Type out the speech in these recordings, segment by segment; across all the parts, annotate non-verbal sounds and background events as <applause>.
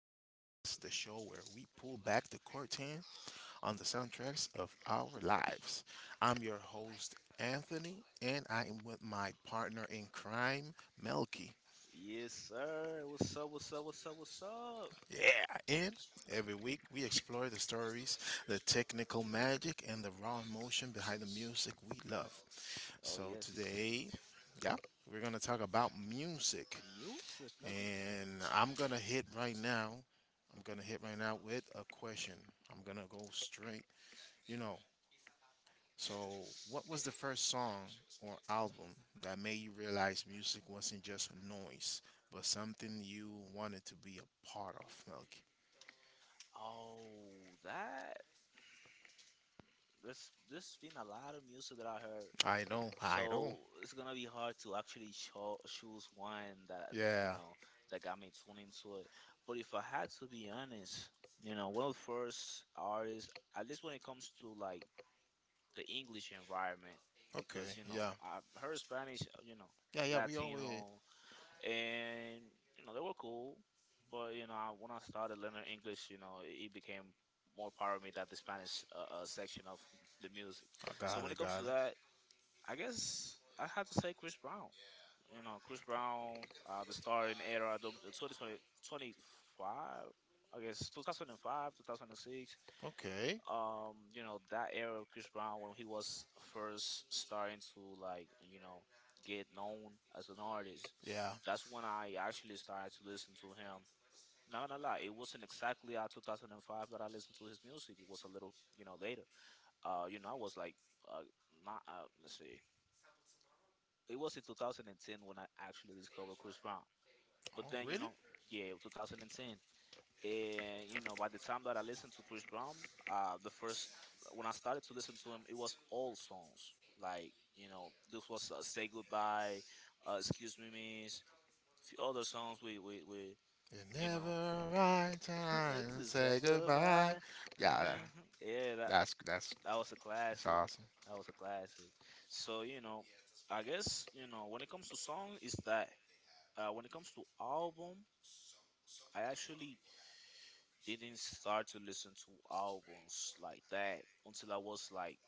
Podcast, the show where we pull back the curtain on the soundtracks of our lives. I'm your host, Anthony, and I am with my partner in crime, Melky. Yes, sir. What's up? What's up? What's up? What's up? Yeah, and every week we explore the stories, the technical magic, and the raw emotion behind the music we love. Oh So yes, today, yeah, we're gonna talk about music. music, nigga. And I'm gonna hit right now. I'm gonna hit right now with a question. I'm gonna go straight. You know. So, what was the first song or album that made you realize music wasn't just noise, but something you wanted to be a part of, Milky? Oh, that This been a lot of music that I heard. I know. I know. So it's gonna be hard to actually choose one that you Yeah. know that got me tuned into it. But if I had to be honest, you know, one of the first artists, at least when it comes to like the English environment, Okay. because you know Yeah. I heard Spanish, you know, Yeah. Yeah. We always. Latino. And you know they were cool. But you know when I started learning English, you know it became more part of me that the Spanish section of the music. I So got when it. it comes Got to it. that, I guess I had to say Chris Brown. You know Chris Brown, the starring era, the 2020, I guess 2005, 2006, Okay. You know, that era of Chris Brown when he was first starting to like, you know, get known as an artist, Yeah. that's when I actually started to listen to him. Not gonna lie, it wasn't exactly at 2005 that I listened to his music. It was a little, you know, later. You know, I was like, uh, not, let's see, it was in 2010 when I actually discovered Chris Brown. But Oh, then, you really? know, yeah, 2010. And you know, by the time that I listened to Chris Brown, the first when I started to listen to him, it was all songs. Like you know, this was "Say Goodbye," "Excuse Me Miss," a few other songs. We It's you know, never right time <laughs> to to say say goodbye. goodbye. Yeah, <laughs> Yeah, that that's that's that was a that's classic. awesome. That was a classic. So you know, I guess you know when it comes to song, is that when it comes to album, I actually didn't start to listen to albums like that until I was like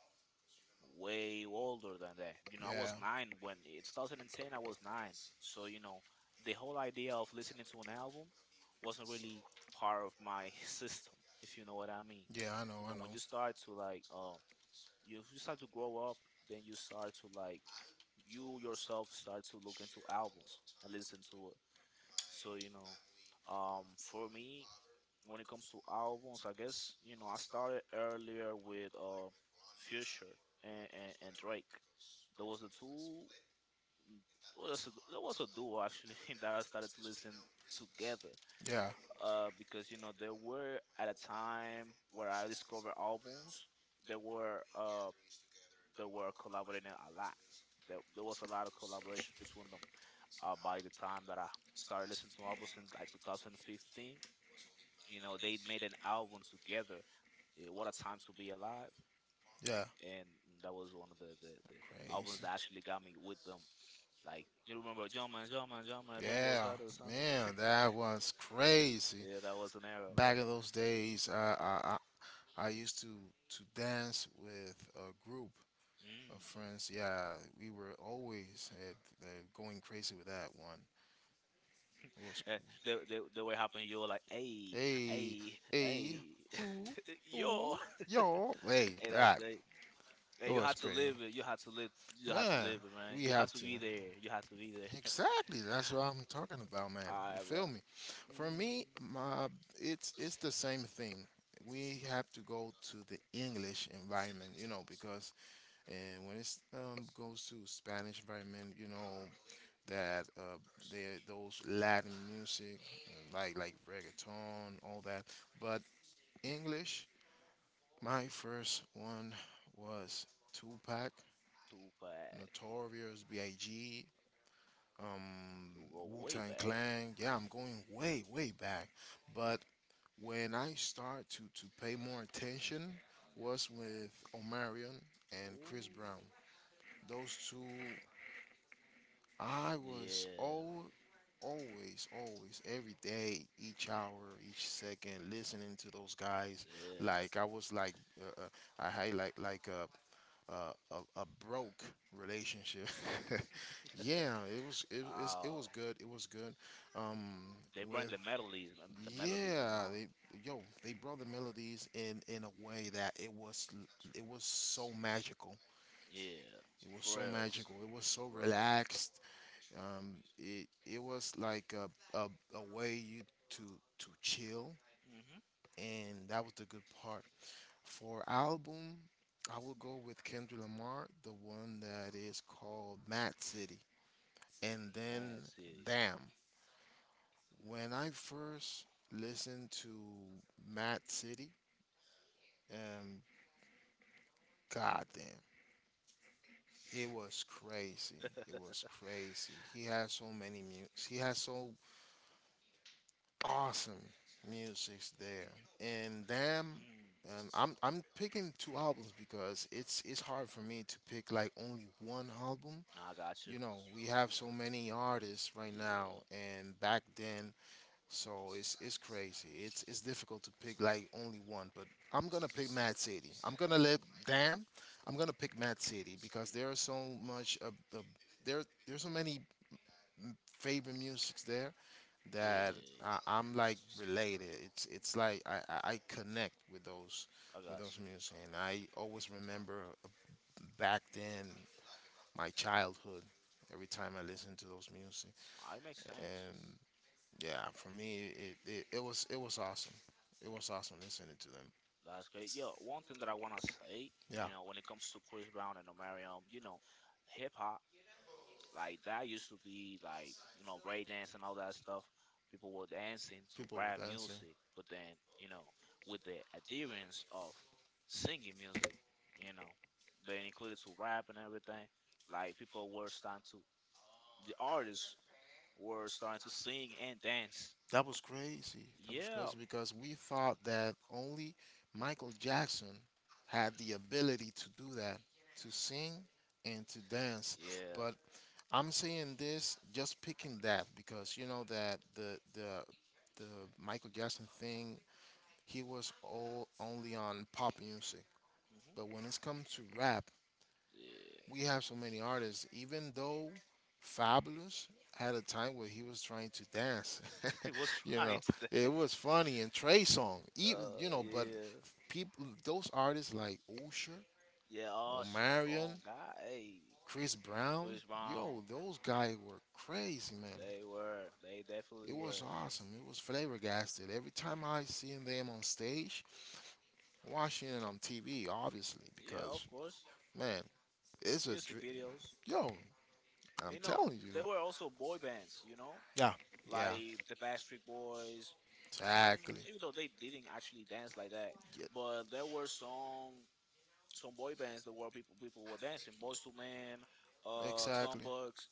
way older than that. You know, I was Yeah. 9 when in 2010 I was 9. So you know, the whole idea of listening to an album wasn't really part of my <laughs> system, if you know what I mean. Yeah, I know, You I know, when know. you start to like, you start to grow up, then you start to like, you yourself start to look into albums and listen to it. So you know, um, for me, when it comes to albums, I guess you know I started earlier with Future and Drake. There was a two, there was a duo actually <laughs> that I started to listen together, Yeah, because you know there were at a time where I discovered albums there were uh there were collaborating a lot. There was a lot of collaboration between them, by the time that I started listening to albums in like 2015. You know, they made an album together. What a time to be alive! yeah. And that was one of the, the albums Crazy. that actually got me with them. Like you remember John Man, John Man, John Man, Dan Yeah, Bozado or something. <laughs> man, that was crazy. Yeah, that was an era, bro. Back in those days, I used to dance with a group of Mm. friends, yeah, we were always at, uh, going crazy with that one. It was Eh, they were helping you like, hey, hey, hey, hey, hey, who, <laughs> who, yo, yo, hey, hey, that's that great. it Hey, you was had to crazy, live it. You had to live. You had to man. live it, man. We You had have to to be there. You had to be there. Exactly. That's what I'm talking about, <laughs> man. All You right, bro. feel me? For me, Mm, my it's the same thing. We have to go to the English environment, you know, because and when it's goes to Spanish environment, you know, that they, those Latin music, and like reggaeton, all that. But English, my first one was Tupac, Tupac, Notorious B.I.G., um, you go Wu way Tang back. Clan. Yeah, I'm going way back. But when I start to pay more attention was with Omarion and Chris Brown. Ooh. Those two I was Yeah, all, always, always, every day, each hour, each second, listening to those guys. yeah. That's Like I was like, uh, uh, I had like a, a broke relationship. <laughs> yeah, it was it was oh, good. It was good. Um, they bring with the melodies, you yeah, know. they yo they brought the melodies in a way that it was so magical. Yeah, It was for so real, magical. It was so for real. relaxed, it was like a way you to chill, Mhm. and that was the good part. For album, I will go with Kendrick Lamar, the one that is called Mad City, and then Mad City. damn. When I first listened to Mad City, um, goddamn, it was crazy. It was crazy. He has so awesome music's there, and them. Mm. And I'm picking two albums because it's hard for me to pick like only one album. Nah, I got you. You know, we have so many artists right now Yeah, and back then, so it's crazy. It's difficult to pick like only one, but I'm gonna pick Mad City. I'm gonna let damn. I'm gonna pick Mad City because there are so much of the there there's so many favorite musics there that yeah. I'm like related. It's like I connect I with got those you. music, and I always remember, back then, my childhood. Every time I listen to those music, I it makes sense. and yeah, for me it was awesome. It was awesome listening to them. That's great. Yo, one thing that I wanna say, you Yeah. know, when it comes to Chris Brown and Omarion, you know, hip hop. Like that used to be like you know breakdance and all that stuff. People were dancing to People were rap dancing. music, but then you know with the adherence of singing music, you know, they included to rap and everything. Like people were starting to the artists were starting to sing and dance. That was crazy. That was, yeah, Yeah, crazy, because we thought that only Michael Jackson had the ability to do that, to sing and to dance. yeah. But I'm saying this just picking that because you know that the Michael Jackson thing, he was all only on pop music. Hmm, But when it comes to rap, yeah, we have so many artists. Even though Fabulous had a time where he was trying to dance, <laughs> he was <laughs> you know, trying to it dance. was funny. And Trey Song, even you know, but Yeah, people, those artists like Usher, yeah. Usher, Omarion, oh God, hey, Chris Brown, Chris Brown. yo, those guys were crazy, man. They were. They It definitely was were. awesome. It was flabbergasted. Every time I seen them on stage, watching it on TV, obviously, Yeah, because of course. man, it's a Music dream. videos. Yo, I'm You know, telling you. there were also boy bands, you know, Yeah. Yeah, like the Backstreet Boys. exactly. Mm, even though they didn't actually dance like that, Yeah, but there were some boy bands that were people were dancing. Boys to Men, Tom exactly. Bucks.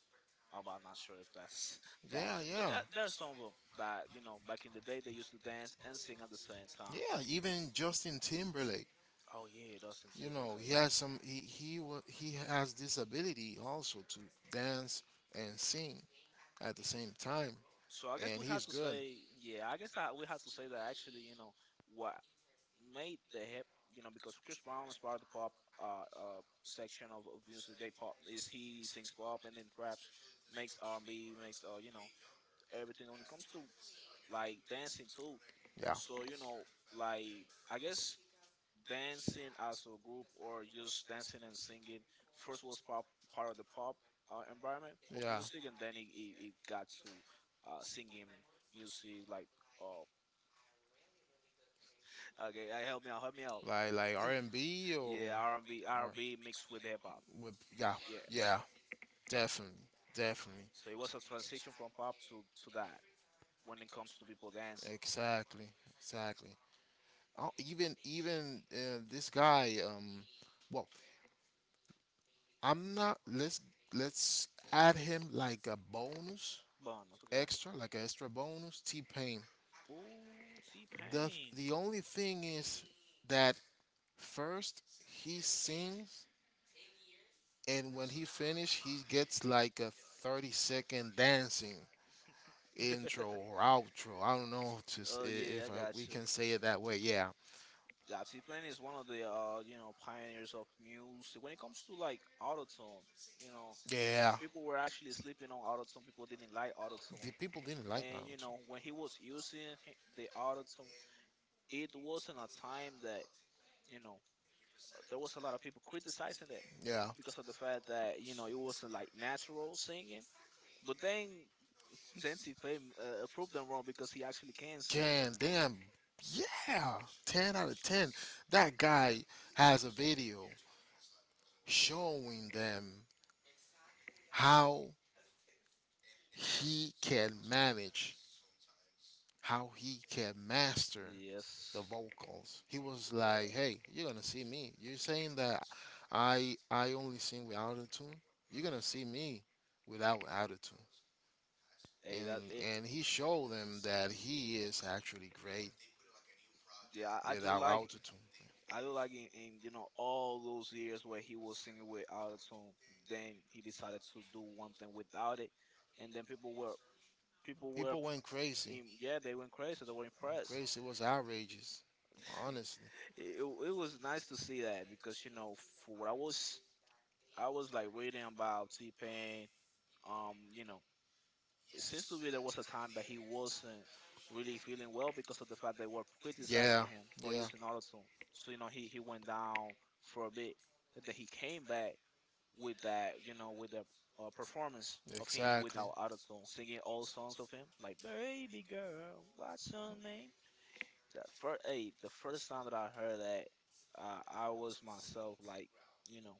Oh, but I'm not sure if that's <laughs> that, Yeah, but yeah, that there are some of them that you know back in the day they used to dance and sing at the same time. yeah. Even Justin Timberlake, Oh yeah, Dustin you know, he Timberlake. has some. He has this ability also to dance and sing at the same time, So I guess and we have he's to good. say, yeah, I guess we have to say that actually, you know, what made the hip, you know, because Chris Brown is part of the pop section of music. They pop is he sings pop and then raps, makes R and B, makes you know, everything when it comes to like dancing too. Yeah, So you know, like I guess dancing as a group or just dancing and singing first was pop part of the pop environment pop yeah. music and then it got to singing music like uh, <laughs> okay, help me out help me out, Like R and B yeah R and B, R or and B mixed with hip-hop, with, yeah, yeah yeah, definitely, definitely. so it was a transition from pop to that when it comes to people dancing. Exactly, exactly. Oh, even this guy. Well, I'm not. Let's add him like a bonus Bon, that's okay. extra, like an extra bonus. T Pain. Ooh, T-Pain. The only thing is that first he sings, and when he finishes, he gets like a 30-second dancing <laughs> intro or outro. I don't know if, just, Oh yeah, I if I, got we you. can say it that way. Yeah, Yeah, Uh, T-Pain is one of the you know pioneers of music when it comes to like autotune. You know, yeah. people were actually sleeping on autotune. People didn't like Tune. autotune, The people didn't like and you Mountain. know when he was using the autotune, it wasn't a time that you know there was a lot of people criticizing that You Yeah. because of the fact that you know it wasn't like natural singing. But then <laughs> then T-Pain proved them wrong because he actually can sing. Can damn. Yeah. 10 out of 10. That guy has a video showing them how he can manage, how he can master Yes. the vocals. He was like, Yeah. "Hey, you're gonna see me. You're saying that I only sing without a tune. You're Mhm. gonna see me without attitude." Hey, that And it, and he showed them that he is actually great yeah, without autotune. I do like in you know all those years where he was singing with auto tune, then he decided to do one thing without it, and then people were People went crazy. Yeah they went crazy they were impressed. Crazy was outrageous, honestly. <laughs> It was nice to see that because you know for what I was like reading about T Pain. You know, it seems to be there was a time that he wasn't really feeling well because of the fact they were criticizing Yeah, him for yeah, using auto tune. So you know he went down for a bit, and then he came back with that, you know, with the performance of him exactly. without autotune, singing all songs of him, like "Baby Girl, What's Your Name." The first, hey, the first time that I heard that, I was myself like, you know,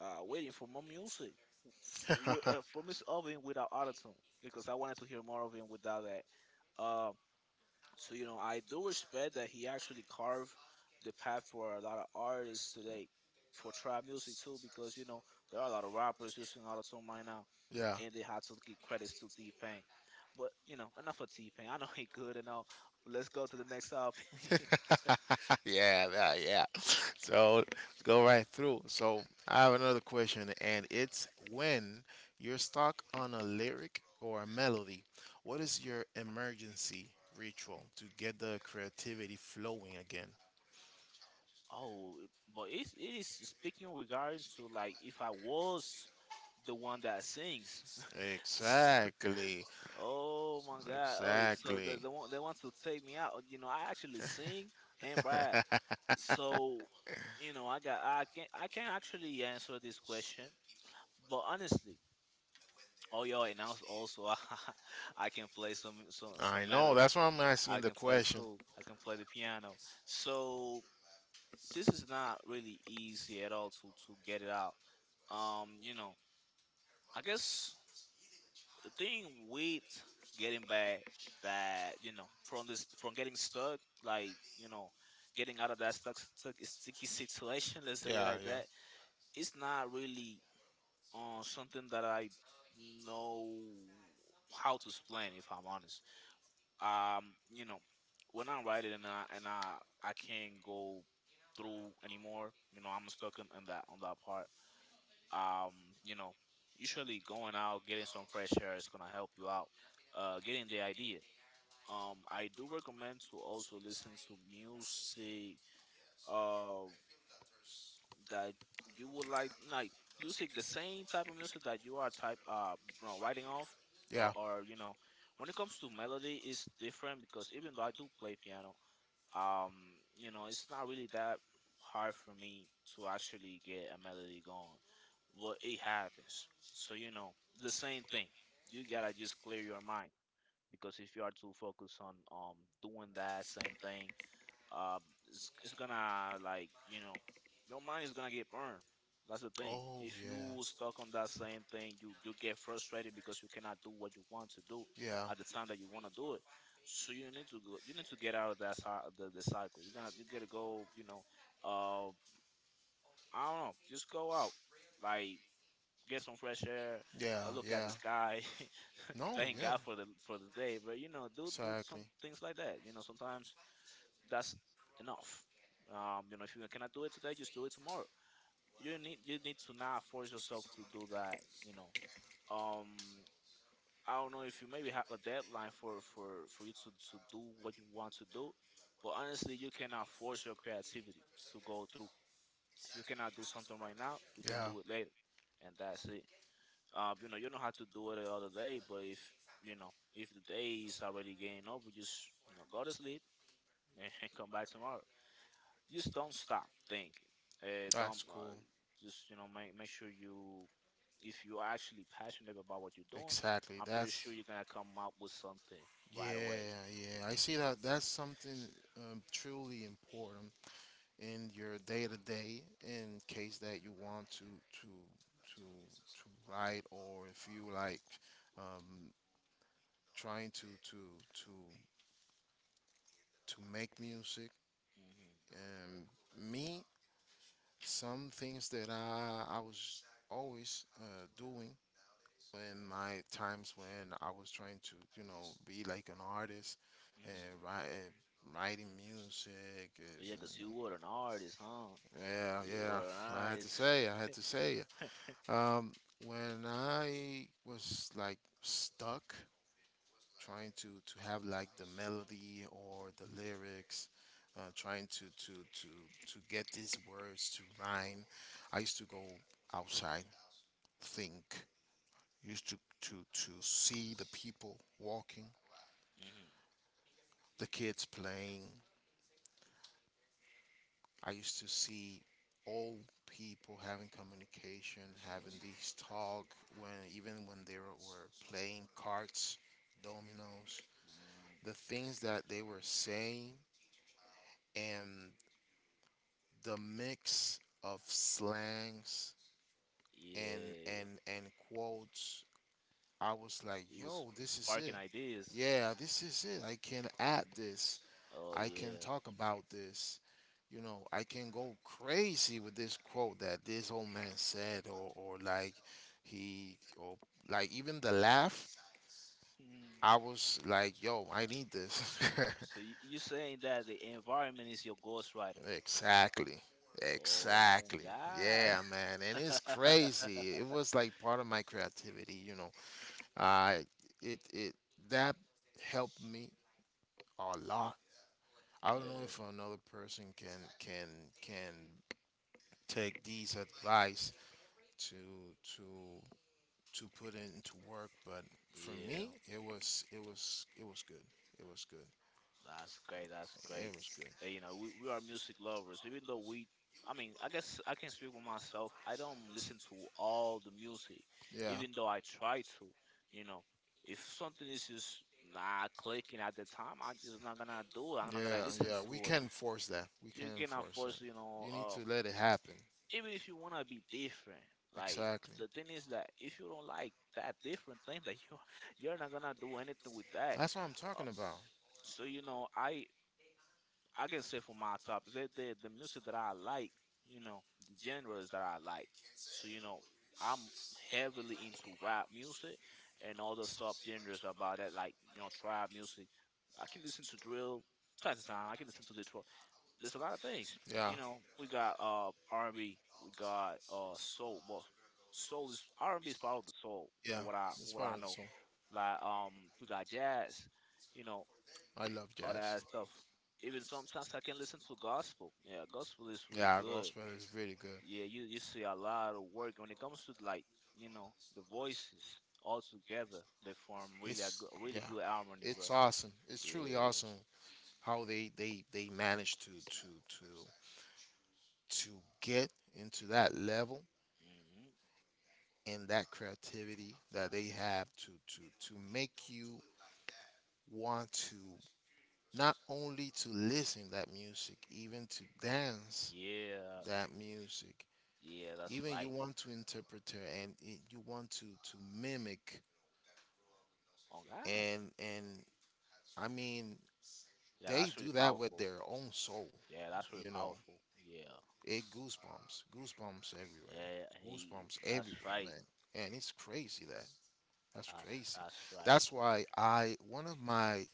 waiting for more music <laughs> for Miss Oven without autotune because I wanted to hear more of him without that. So you know, I do respect that he actually carved the path for a lot of artists today for trap music too, because you know there are a lot of rappers using autotune right now, Yeah. and they have to give credits to T Pain. But you know, enough of T Pain. I know he good and all. Let's go to the next topic. <laughs> <laughs> yeah, yeah, yeah. So let's go right through. So I have another question, and it's when you're stuck on a lyric or a melody, what is your emergency ritual to get the creativity flowing again? Oh, but it's it is speaking regarding to like if I was the one that sings. <laughs> Exactly. Oh my God! Oh, it- so Exactly. They want to take me out. You know, I actually <laughs> sing and rap. So, you know, I can actually answer this question, but honestly, oh yo, and also <laughs> I can play I some know. melody. That's why I'm asking I the can play question. too. I can play the piano. So this is not really easy at all to get it out. You know, I guess the thing with getting back that you know from this from getting stuck, like you know, getting out of that stuck stuck sticky situation. Let's say it Yeah, like yeah, that, it's not really something that I know how to explain. If I'm honest, you know, when I write it and I can't go through anymore. You know, I'm stuck in that on that part. Um, you know, usually going out, getting some fresh air is gonna help you out. Getting the idea. I do recommend to also listen to music. Um, that you would like music, the same type of music that you are type writing off. or, yeah. or you know when it comes to melody it's different, because even though I do play piano, um you know, it's not really that hard for me to actually get a melody going, but it happens. So you know, the same thing, you gotta just clear your mind, because if you are too focused on doing that same thing, um, it's gonna, like your mind is gonna get burned. That's the thing. Oh, If yeah, you stuck on that same thing, you get frustrated because you cannot do what you want to do yeah, at the time that you want to do it. So you need to go, you need to get out of that the cycle. You gotta go. You know, uh, I don't know. Just go out, like, get some fresh air. yeah, Look at yeah. the sky. No, <laughs> thank, Thank yeah, God God for the day. But you know, dudes. do some Exactly. things like that. You know, sometimes that's enough. You know, if you cannot do it today, just do it tomorrow. You need to not force yourself to do that. You know, um, I don't know if you maybe have a deadline for for you to do what you want to do, but honestly, you cannot force your creativity to go through. If you cannot do something right now, you can Yeah, do it later, and that's it. You know, you don't have to do it the other day, but if you know if the day is already getting over, just you know go to sleep <laughs> and come back tomorrow. Just don't stop thinking. Don't that's cool. just you know make sure you, if you're actually passionate about what you're doing, Exactly. I'm pretty That's, sure you're gonna come up with something right away. yeah, yeah. I see that. That's something, truly important in your day to day. In case that you want to to write, or if you like, um, trying to to make music. Mm-hmm. Um, me. Some things that I was always, doing in my times when I was trying to, you know, be like an artist and Mm-hmm. write, writing music. Yeah, And, 'cause you were an artist, huh? yeah, You yeah. were an I had to artist. say, I had to say. Um, when I was like stuck trying to have like the melody or the lyrics, trying to get these words to rhyme. I used to go outside, think, used to to see the people walking, Mm-hmm. the kids playing. I used to see old people having communication, having Mm-hmm. these talk, when even when they were playing cards, dominoes, the Mm-hmm. things that they were saying, and the mix of slangs Yeah, and quotes. I was like, it was yo, this is it. sparking ideas. Yeah, this is it. I can add this. Oh I can yeah. talk about this. You know, I can go crazy with this quote that this old man said, or like he or like even the laugh. I Hmm. was like, yo, I need this. <laughs> So you're saying that the environment is your ghostwriter? Exactly. Oh Exactly. God. Yeah, man. And it's <laughs> crazy. It was like part of my creativity, you know. I it it That helped me a lot. I Yeah. don't know if another person can can take these advice to to to put it into work, but for Yeah, me, it was it was good. It was good. that's great. That's great. It was good. You know, we are music lovers, even though we, I mean, I guess I can speak for myself. I don't listen to all the music, Yeah. even though I try to. You know, if something is just not clicking at the time, I'm just not gonna do it. I'm Yeah, not gonna yeah, say, listen yeah, we anything. to it. Can force that. We You can cannot force that. force, you know, You need to let it happen. even if you wanna be different, Like like. exactly. The thing is that if you don't like that different thing that you <laughs> you're not gonna do anything with that. That's what I'm Uh, talking about. so you know, I can say for my topics, the music that I like, you know, the genres that I like. So, you know, I'm heavily into rap music and all the subgenres about that, like, you know, trap music. I can listen to drill, time to time. I can listen to Detroit. There's a lot of things. Yeah, You know, we got R&B, we got soul. Well, soul is R&B is part of the soul, yeah. Jazz, that's for what part I of the know. song. Like we got jazz. You know, I love jazz. all that Jazz. stuff. Even sometimes I can listen to gospel. Yeah, gospel is really Yeah, good. gospel is really good. Yeah, you see a lot of work when it comes to like you know the voices all together. They form really a It's, good, really yeah, good harmony, bro. it's awesome. It's truly Yeah, awesome how they manage to to to get into that level, hmm and that creativity that they have to make you want to not only to listen that music, even to dance yeah, that music, yeah. That's even you right. want to interpret her and you want to mimic, Oh God, and I mean yeah, they that's really do that with powerful. their own soul, Yeah, that's really you know. powerful. Yeah, It goosebumps, yeah. Hey, goosebumps that's everywhere, right. man. And it's crazy that that's That's crazy. that's right. That's why, I one of my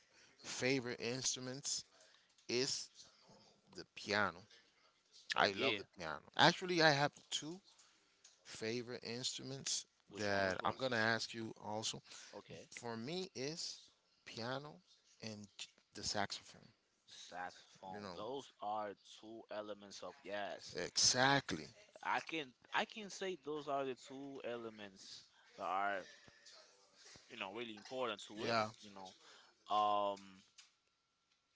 favorite instruments is the piano. Oh I love yeah. the piano. Actually, I have two favorite instruments Which one? Which that I'm ones? gonna ask you also. Okay. For me, is piano and the saxophone. You Saxophone. know, Those are two elements of jazz. exactly. I can I can say those are the two elements that are you know really important to it. Yeah. You know, um,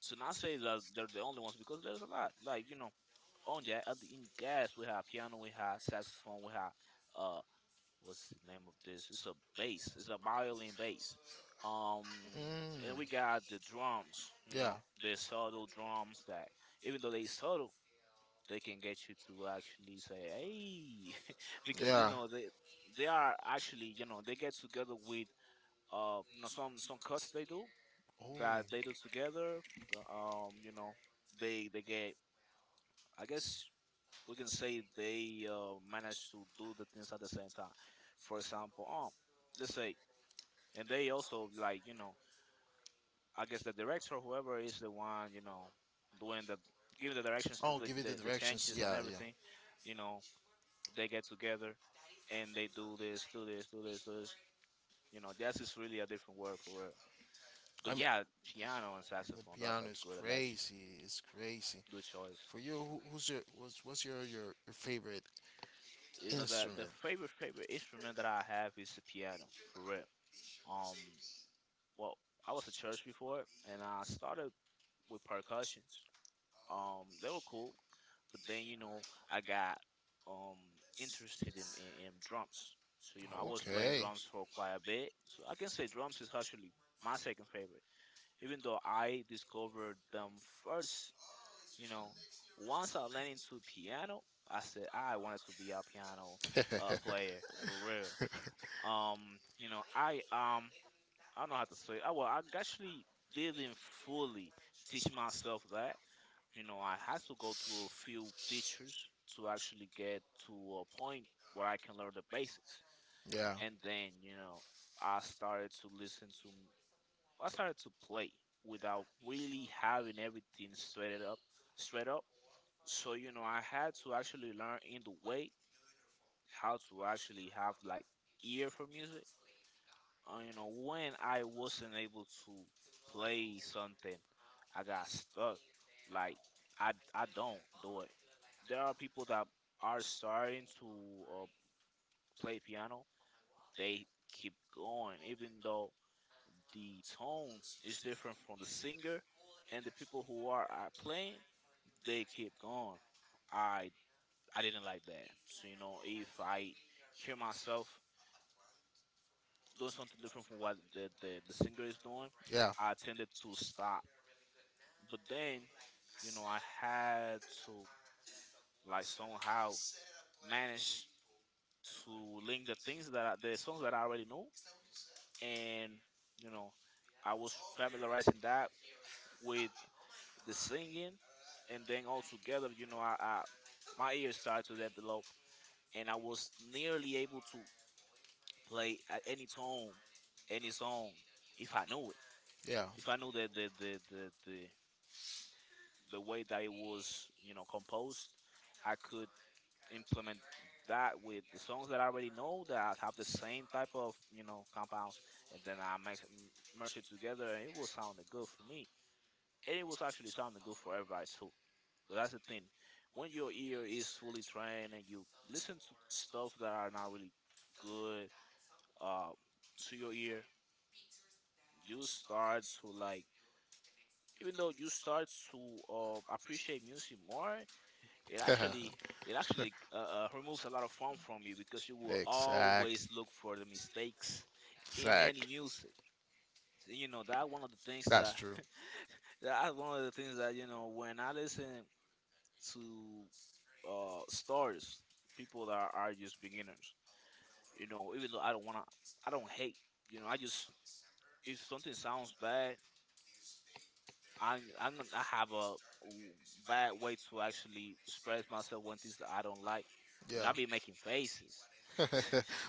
to not say that they're the only ones because there's a lot. Like you know, on jazz, in jazz we have piano, we have saxophone, we have uh, what's the name of this? It's a bass. It's a violin bass. Um, Mm. and we got the drums. You Yeah. know, the subtle drums that even though they subtle they can get you to actually say, "Hey," <laughs> because you Yeah. know they are actually you know they get together with you know some cuts they do Oh. that they do together. You know they get, I guess we can say they manage to do the things at the same time. For example, let's say, and they also like you know I guess the director whoever is the one you know doing the, giving the directions to Oh, give you the the directions. changes and Yeah. Yeah. everything, you know they get together and they do this, do this, do this, do this. You know, jazz is really a different word for real. I'm. But yeah, piano and The saxophone, that's piano a is good election. crazy. It's crazy. Good choice. For you, who, who's your what's your, your favorite You know that the instrument? favorite instrument that I have is the piano, for real. Um well, I was at church before and I started with percussions. They were cool, but then you know I got um interested in, drums. So you know I was playing Okay. drums for quite a bit. So I can say drums is actually my second favorite, even though I discovered them first. You know, once I learned into piano, I said I wanted to be a piano <laughs> player for real. Um, you know I don't know how to say. I, well, I actually didn't fully teach myself that, you know, I had to go through a few teachers to actually get to a point where I can learn the basics. yeah. And then, you know, I started to listen to, I started to play without really having everything straight up, straight up. So, you know, I had to actually learn in the way how to actually have like ear for music. You know, when I wasn't able to play something, I got stuck. Like, I don't do it, there are people that are starting to uh, play piano. They keep going, even though the tone is different from the singer and the people who are playing. They keep going. I I didn't like that. So you know, if I hear myself doing something different from what the, singer is doing, Yeah. I tended to stop. But then, you know, I had to like somehow manage to link the things that I, the songs that I already know, and you know, I was familiarizing that with the singing, and then all together, you know, I my ears started to develop, and I was nearly able to play at any tone, any song, if I knew it, Yeah. if I knew the way that it was, you know, composed, I could implement that with the songs that I already know that have the same type of you know compounds, and then I merge it together, and it will sound good for me, and it was actually sounding good for everybody too. But that's the thing, when your ear is fully trained and you listen to stuff that are not really good uh, to your ear, you start to like. Even though you start to appreciate music more, it actually <laughs> it actually removes a lot of fun from you because you will always exact. look for the mistakes in any Exact. music. You know that one of the things That's that true. <laughs> that's one of the things that you know when I listen to stars, people that are just beginners. You know, even though I don't wanna, I don't hate. You know, I just, if something sounds bad, I I'm gonna I have a bad way to actually express myself when things that I don't like, and Yeah. I be making faces.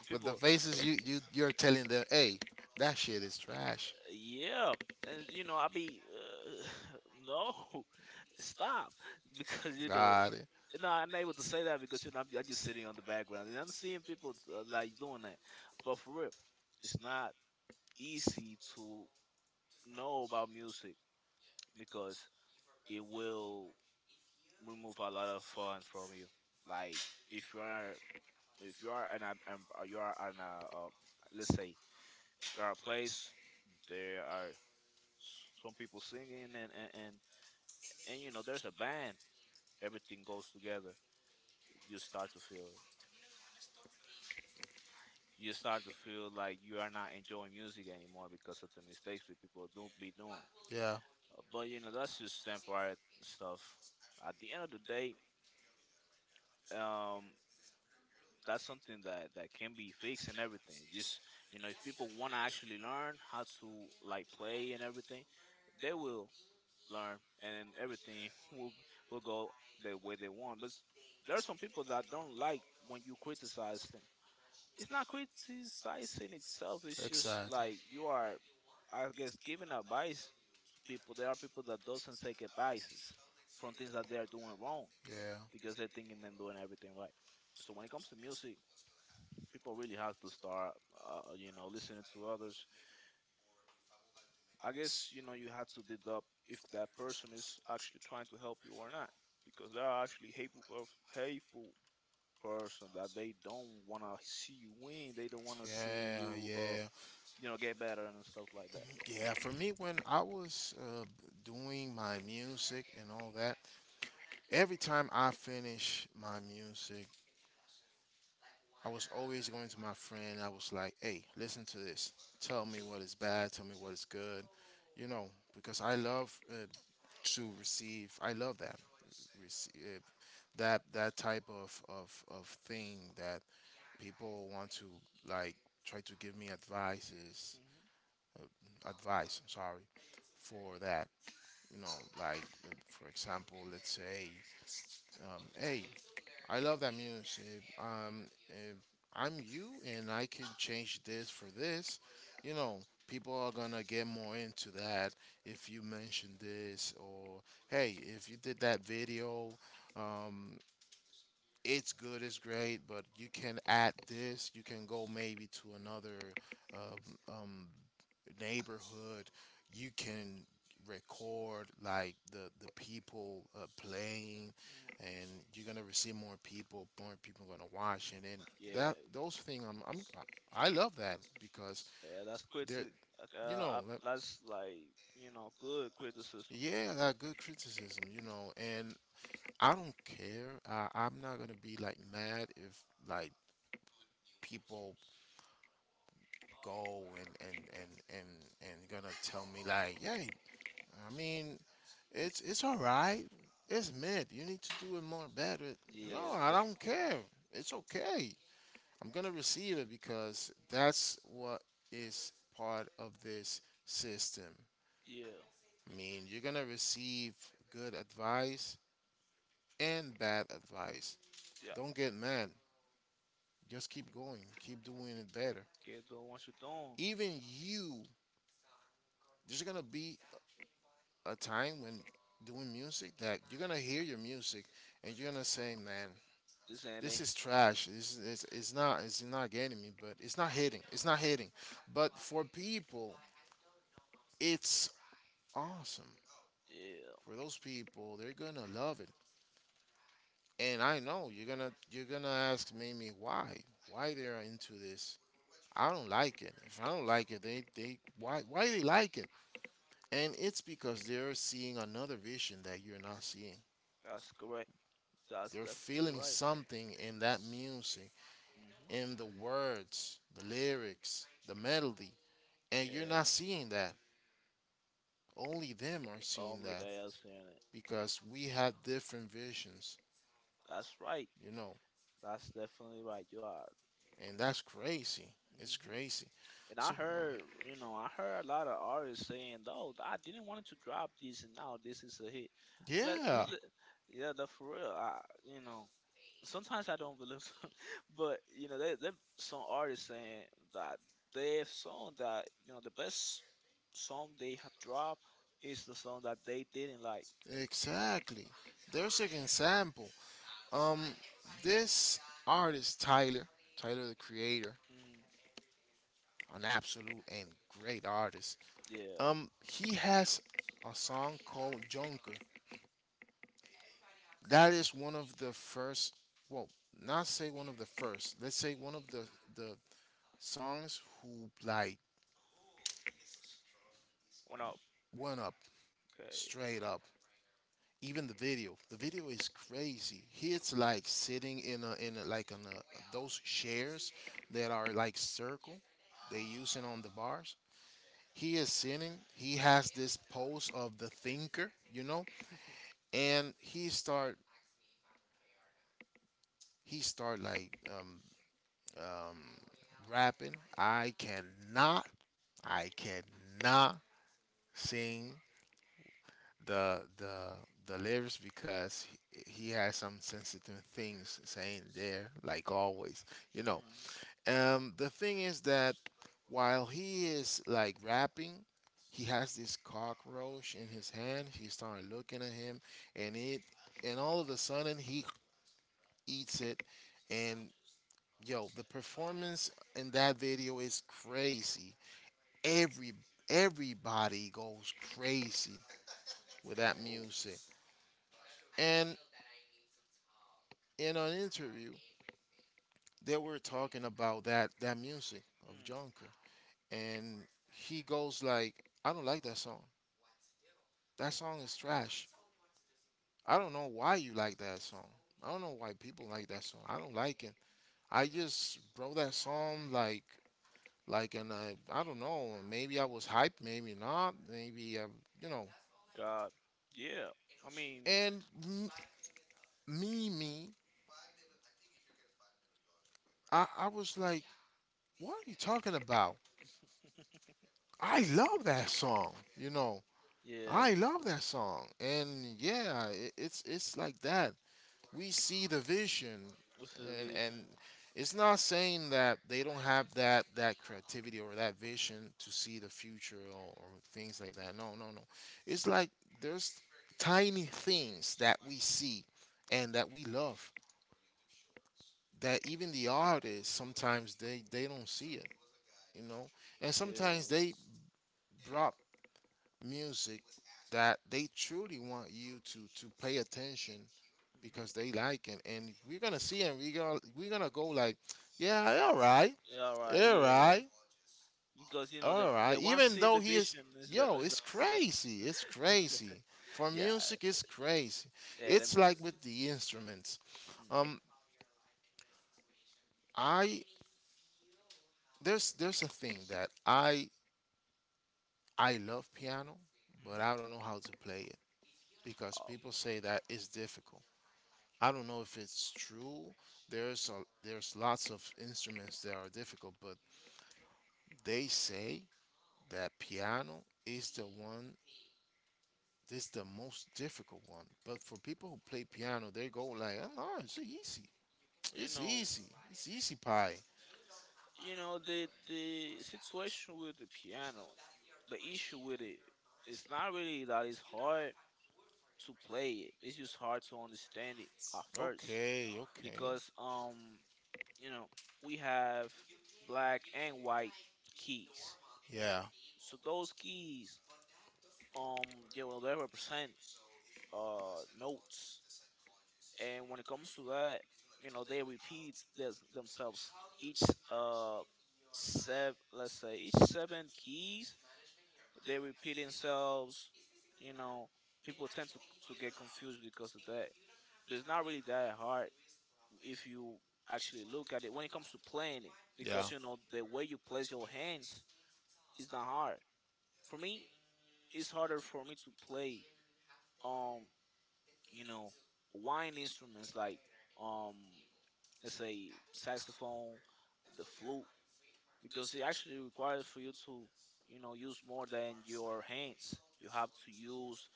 And With the people, faces, you you're telling them, hey, that shit is trash. yeah, and you know I be <laughs> no stop because you know. Got it. No, I'm not able to say that because you know I'm just sitting on the background and I'm seeing people like doing that. But for real, it's not easy to know about music because it will remove a lot of fun from you. Like if you are in a you are in a let's say you are a place there are some people singing and you know there's a band, everything goes together, you start to feel, you start to feel like you are not enjoying music anymore because of the mistakes that people do be doing. Yeah. But you know that's just temporary stuff at the end of the day, um that's something that that can be fixed and everything. Just you know, if people want to actually learn how to like play and everything, they will learn and then everything <laughs> will go the way they want. But there are some people that don't like when you criticize them. It's not criticizing itself. It's just Exactly. like you are, I guess, giving advice to people. There are people that doesn't take advices from things that they are doing wrong Yeah. because they're thinking and doing everything right. So when it comes to music, people really have to start, listening to others. I guess, you know, you have to deduct if that person is actually trying to help you or not, because there are actually hateful person that they don't want to see you win. They don't want to see Yeah. you, Yeah. Get better and stuff like that. Yeah, for me, when I was, doing my music and all that, every time I finish my music, I was always going to my friend. I was like, hey, listen to this. Tell me what is bad. Tell me what is good. You know, because I love, to receive, I love that. Receive, that type of thing that people want to like try to give me advices, Hmm advice, I'm sorry, for that you know, like for example, let's say, hey, I love that music. If I'm you, and I can change this for this. You know, People are gonna get more into that if you mention this, or hey, if you did that video, um, it's good, it's great, but you can add this. You can go maybe to another um, um, neighborhood. You can record like the people playing, and you're gonna receive more people. More people gonna watch, and then hmm that Yeah, those things. I love that because yeah, they're you know that that's like, you know, good criticism. yeah, that good criticism, and I don't care. I'm not gonna be like mad if like people go and and and and and gonna tell me like, hey, I mean, it's all right. It's mid. You need to do it more better. Yeah, No, I that's don't care. It's okay. I'm gonna receive it because that's what is part of this system. yeah, I mean, you're gonna receive good advice and bad advice. yeah. Don't get mad. Just keep going. Keep doing it better. Can't do what you doing. Even you, there's gonna be a time when doing music that you're gonna hear your music and you're gonna say, man, This ain't this it. is trash. This is it's not getting me, but it's not hitting. It's not hitting. But for people, it's awesome. Yeah. For those people, they're gonna love it. And I know you're gonna ask maybe why they are into this. I don't like it. If I don't like it, they why they like it? And it's because they're seeing another vision that you're not seeing. That's correct. That's They're definitely feeling right. something in that music, hmm in the words, the lyrics, the melody, and you're Yeah, not seeing that. Only them are seeing only that they are seeing it. because we have different visions, That's right. you know, That's definitely right. You are. and that's crazy. It's Hmm crazy. And I So, heard, you know, I heard a lot of artists saying, "No, I didn't want to drop this, and now this is a hit." Let, yeah, let- let- yeah, the for real. You know, sometimes I don't believe them, <laughs> but you know, there some artists saying that their song that you know the best song they have dropped is the song that they didn't like. exactly. There's an example. Um, this artist Tyler the Creator, Mm, an absolute and great artist. yeah. He has a song called Jonker. That is one of the first. Well, not say one of the first. Let's say one of the songs who like One up. went up Okay. straight up. Even the video. The video is crazy. He's like sitting in a, like on a, those chairs that are like circle. They using on the bars. He is sitting. He has this pose of the thinker, and he start like um, rapping. I cannot sing the the the lyrics because he has some sensitive things saying there, like always. You know, Mm. The thing is that while he is like rapping. He has this cockroach in his hand. He started looking at him, and it, and all of a sudden he eats it, and yo, the performance in that video is crazy. Every everybody goes crazy with that Oh. music. And in an interview, they were talking about that music of Mm. Junker, and he goes like, "I don't like that song. That song is trash. I don't know why you like that song. I don't know why people like that song. I don't like it. I just wrote that song like and I don't know, maybe I was hyped, maybe not, maybe I, you know. God. Yeah. I mean, And me, I was like, what are you talking about? I love that song. yeah. I love that song, and yeah, it's like that. We see the vision What's the and vision? it's not saying that they don't have that that creativity or that vision to see the future or things like that, no, no, no, it's like there's tiny things that we see and that we love that even the artists sometimes they don't see it you know and Yeah. sometimes they drop music that they truly want you to pay attention Mhm. because they like it, and we're gonna see, and we're gonna go like, yeah, all right, All right. all Yeah. right, Because you know the all right. the one Even seeing though the he is, vision is the yo, is the it's crazy, it's crazy. For yeah. music, it's crazy. Yeah. Them, It's like with mm. the instruments. Mhm. Um, I there's a thing that I love piano, but I don't know how to play it because Oh, people say that it's difficult. I don't know if it's true. There's lots of instruments that are difficult, but they say that piano is the most difficult one. But for people who play piano, they go like, oh, no, it's easy. you It's know. easy. It's easy pie. You know the situation with the piano, the issue with it, it's not really that it's hard to play it, it's just hard to understand it at first, Okay, okay. because you know, we have black and white keys. Yeah, So those keys, um you know, they represent notes. And when it comes to that, you know, they repeat themselves each uh seven, let's say each seven keys, they repeat themselves. You know, people tend to get confused because of that. But it's not really that hard if you actually look at it when it comes to playing it, yeah. because you know the way you place your hands is not hard. For me, it's harder for me to play, um you know, wind instruments like, um let's say, saxophone, the flute, because it actually requires for you to, you know, use more than your hands. You have to use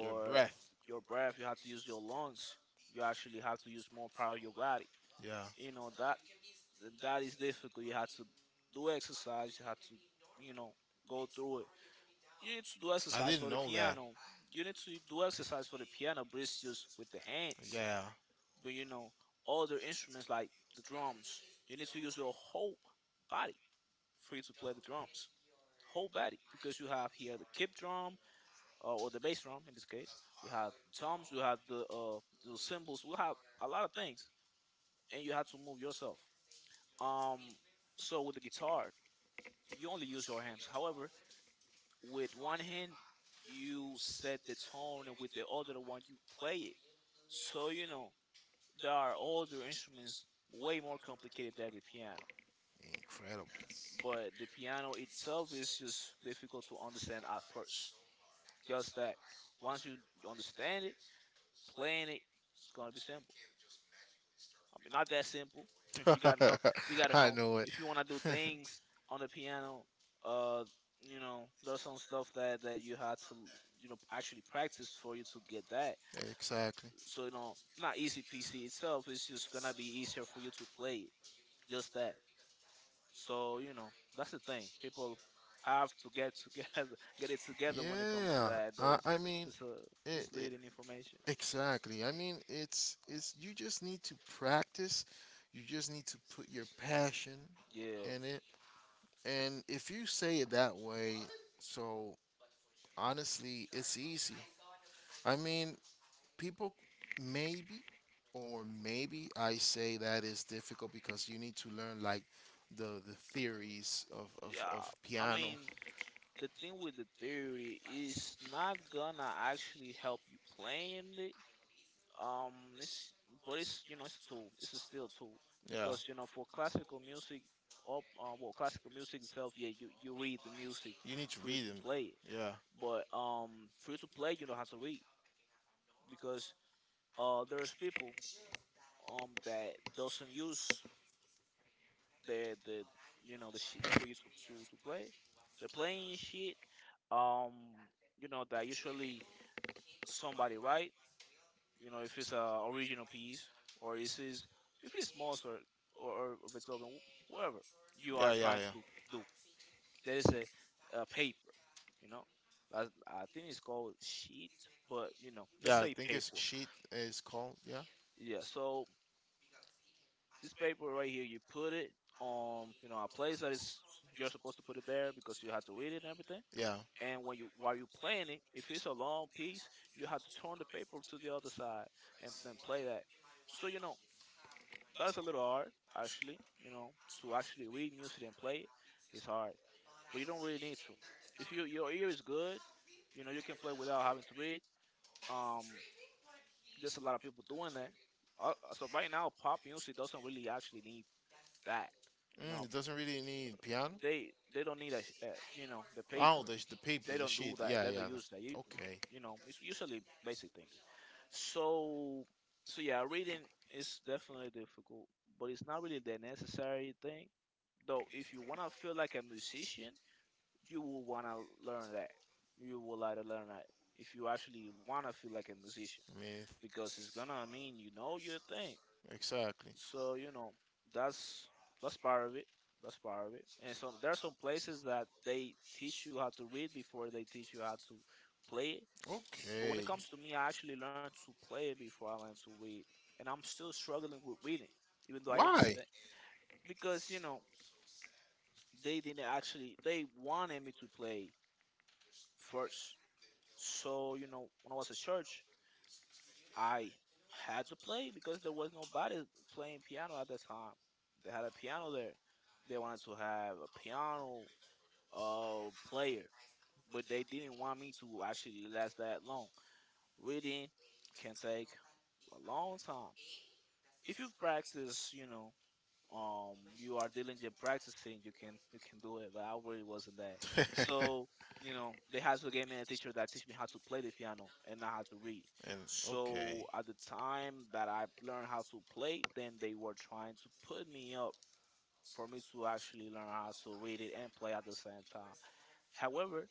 Your breath. your breath. You have to use your lungs. You actually have to use more part of your body. Yeah. You know that that is difficult. You have to do exercise. You have to, you know, go through it. You need to do I exercise didn't for the know that. piano. You need to do exercise for the piano, breathe just with the hands. Yeah. But you know, other instruments like the drums. You need to use your whole body for you to play the drums, whole body, because you have here the kick drum, or the bass drum in this case. We had drums, we had the cymbals, we had a lot of things, and you had to move yourself. Um, so with the guitar, you only use your hands. However, with one hand, you set the tone, and with the other one, you play it. So you know, there are other instruments way more complicated than the piano. Incredible. But the piano itself is just difficult to understand at first. Just that, once you understand it, playing it, it's gonna be simple. I mean, not that simple. <laughs> You gotta know. You <laughs> gotta I know know it. if you wanna do things on the piano. Uh, you know, there's some stuff that you had to, you know, actually practice for you to get that. Exactly. So you know, not easy PC itself. It's just gonna be easier for you to play it. Just that. So you know, that's the thing. People have to get together, <laughs> get it together when it comes to Yeah. that. I mean, There's it, it, misleading information. exactly. I mean, it's you just need to practice. You just need to put your passion Yeah, in it. And if you say it that way, so honestly, it's easy. I mean, people maybe or maybe I say that is difficult because you need to learn like the theories of, of, yeah. of I piano. mean, the thing with the theory is not gonna actually help you playing it. Um, it's, but it's, you know, it's a tool. It's a still tool Yeah. because you know, for classical music, or well, classical music itself, yeah, you read the music You need to for you read to them. play it. Yeah. But for you to play, you don't have to read, because there's people that doesn't use the you know, the shit for you to to play. They're playing shit, um you know, that usually somebody, right? You know, if it's a original piece, or if it's, if it is Mozart, or if it's Beethoven, whoever you are Yeah, yeah, trying yeah. to do, there is a paper. You know, that's, I think it's called sheet, but you know, let's Yeah, I say think it's paper. sheet is called, yeah. Yeah. So this paper right here, you put it on, you know, a place that is, you're supposed to put it there because you had to read it and everything. Yeah. And when you, while you playing it, if it's a long piece, you have to turn the paper to the other side and then play that. So you know, that's a little hard, actually. You know, to actually read music and play it, it's hard, but you don't really need to. If you, your ear is good, you know, you can play without having to read. Um, there's a lot of people doing that. So right now, pop music doesn't really actually need that. You know, It doesn't really need piano. They don't need you know, the Oh, paper. the paper, They the don't do sheet. that. Yeah, They don't yeah. use that. You Okay. you know, it's usually basic things. So so yeah, reading is definitely difficult, but it's not really the necessary thing. Though, if you wanna feel like a musician, you will wanna learn that. You will like to learn that if you actually wanna feel like a musician, I mean, because it's gonna mean you know your thing. exactly. So you know, that's that's part of it. That's part of it. And some, there are some places that they teach you how to read before they teach you how to play it. But when it Okay. comes to me, I actually learned to play it before I learned to read, and I'm still struggling with reading, even though I Why? understand, because you know, they didn't actually, they wanted me to play first. So you know, when I was at church, I had to play because there was nobody playing piano at that time. They had a piano there. They wanted to have a piano player, but they didn't want me to actually last that long. Reading can take a long time. If you've practiced, you know, <laughs> Um, you are diligent practicing, you can do it, but I really wasn't that. So you know, they had to get me a teacher that teach me how to play the piano and not how to read. <laughs> and So okay, at the time that I learned how to play, then they were trying to put me up for me to actually learn how to read it and play at the same time. However,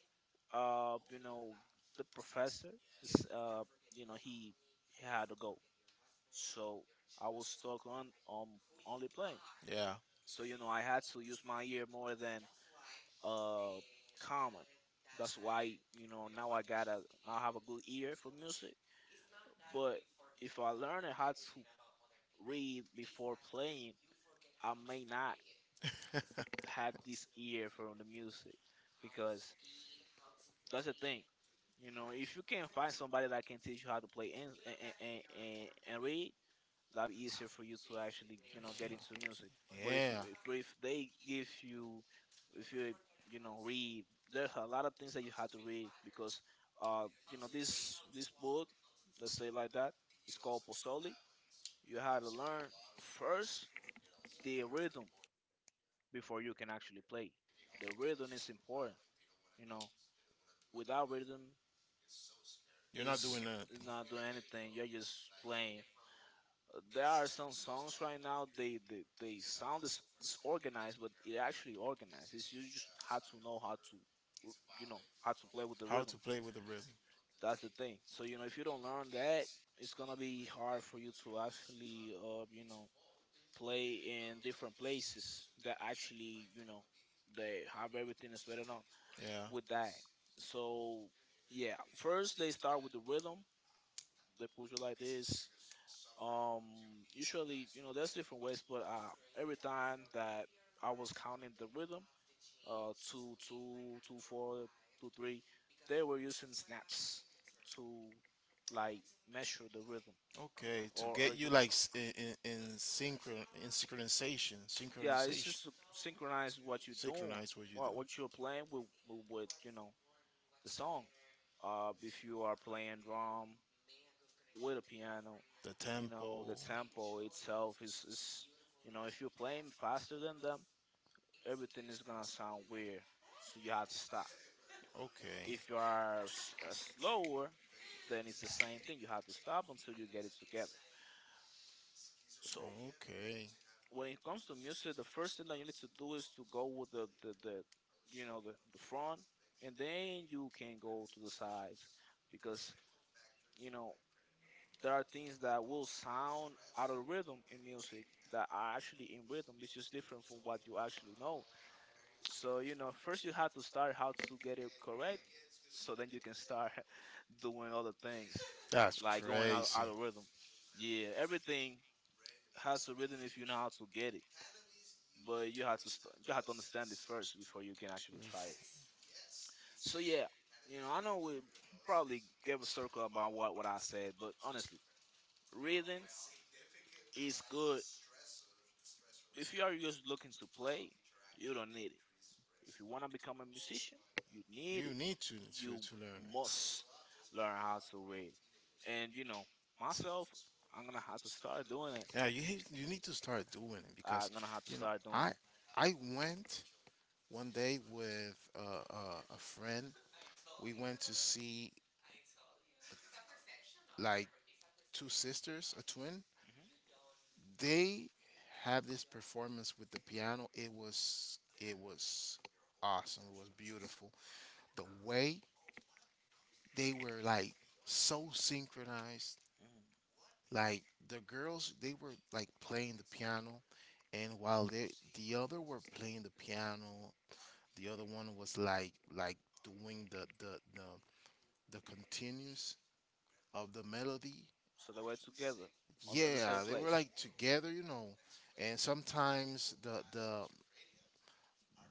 you know, the professor, s- uh you know, he had to go. So I was stuck on, only playing. yeah, So you know, I had to use my ear more than uh common. That's why you know, now I have a good ear for music. But if I learn how to read before playing, I may not <laughs> they were trying have this ear for the music, because that's the thing. You know, if you can find somebody that can teach you how to play and and read, that be easier for you to actually you know get into <laughs> music. yeah. But if you, With the riff. Like if if they give you, if you, you know, read, there's a lot of things that you have to read, because you know, this book, let's say like that, it's called Posoli. You have to learn first the rhythm before you can actually play. The rhythm is important, you know. Without rhythm you're not is doing anything. not doing anything, you're just playing. There are some songs right now. They sound disorganized, but it actually organized. It's you just have to know how to, you know, how to play with the How rhythm. to play with the rhythm? That's the thing. So you know, if you don't learn that, it's gonna be hard for you to actually, you know, play in different places that actually, you know, they have everything is set up Yeah. with that. So yeah, first they start with the rhythm. They put you like this. Um, usually, you know, there's different ways, but every time that I was counting the rhythm, two, two, two, four, two, three, they were using snaps to like measure the rhythm, Okay, to or get you you, like in synchronization, yeah, just yeah, it's just synchronization, to synchronize what you're doing, synchronize what you do. what you're playing with you know, the song. If you are playing drum with a piano, The you know, the tempo. tempo itself is you know, if you're playing faster than them, everything is gonna sound weird. So you have to stop. Okay, If you are slower, then it's the same thing. You have to stop until you get it together. So okay, when it comes to music, the first thing that you need to do is to go with the you know the front, and then you can go to the sides because you know there are things that will sound out of rhythm in music that are actually in rhythm. It's just different from what you actually know. So, you know, first you have to start how to get it correct. So then you can start <laughs> doing other things, that's like going out crazy. algorithm. Yeah, everything has a rhythm if you know how to get it. But you have to understand it first before you can actually try it. So yeah, you know, I know we probably gave a circle about what I said, but honestly, rhythm is good. If you are just looking to play, you don't need it. If you wanna become a musician, you need You it. need to to, You to learn it. must learn how to read. And you know, myself, I'm gonna have to start doing it. Yeah, you you need to start doing it because I'm gonna have to you know start doing I it. I went one day with a friend. We went to see like two sisters, a twin. Hmm. They have this performance with the piano. It was awesome. It was beautiful. The way they were like so synchronized, Hmm. like the girls they were like playing the piano, and while they, the other were playing the piano, the other one was like doing the continues of the melody, So that we're together at the same yeah they were place. like together. And sometimes the the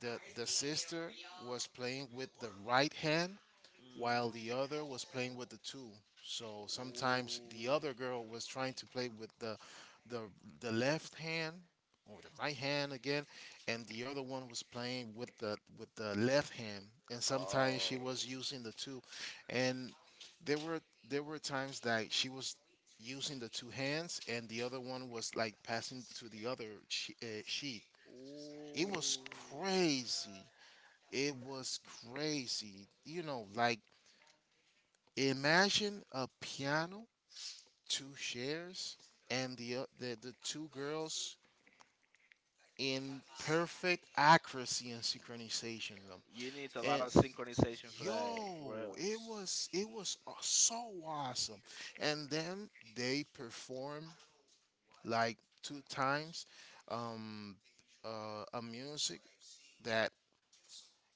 The, the sister was playing with the right hand Mm. while the other was playing with the two. So sometimes the Ooh. other girl was trying to play with the the left hand or the right hand again, and the other one was playing with the left hand, and sometimes she Oh. was using the two, and there were there were times that she was using the two hands, and the other one was like passing to the other sheet. It was Ooh. crazy. It was crazy. Like imagine a piano, two chairs, and the two girls in perfect accuracy and synchronization them. You need a lot And of synchronization for that, for yo, real. it was so awesome. And then they performed like two times um a music that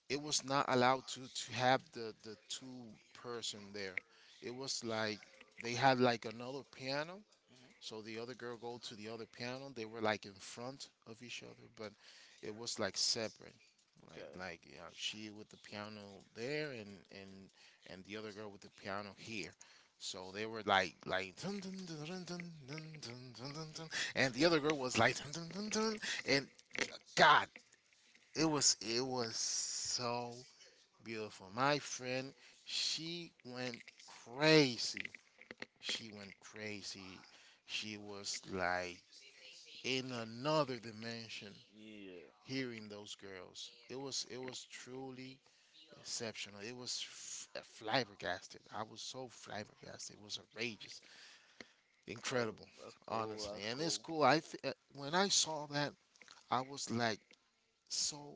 it was not allowed to have the two-person there. It was like they had like another piano, Hmm. so the other girl go to the other piano. They were like in front of each other, but it was like separate. Like Okay. like you know, she with the piano there and the other girl with the piano here. So they were like dun, dun, dun, dun, dun, dun, dun, dun, dun, dun, and the other girl was dun, dun, dun, dun, and God, it was so beautiful. My friend, she went crazy. She went crazy. She was like in another dimension Yeah. hearing those girls. It was truly exceptional. It was flabbergasted. I was so flabbergasted. It was outrageous, That's, incredible, that's cool. honestly. That's And it's cool. cool. When I saw that, I was like, so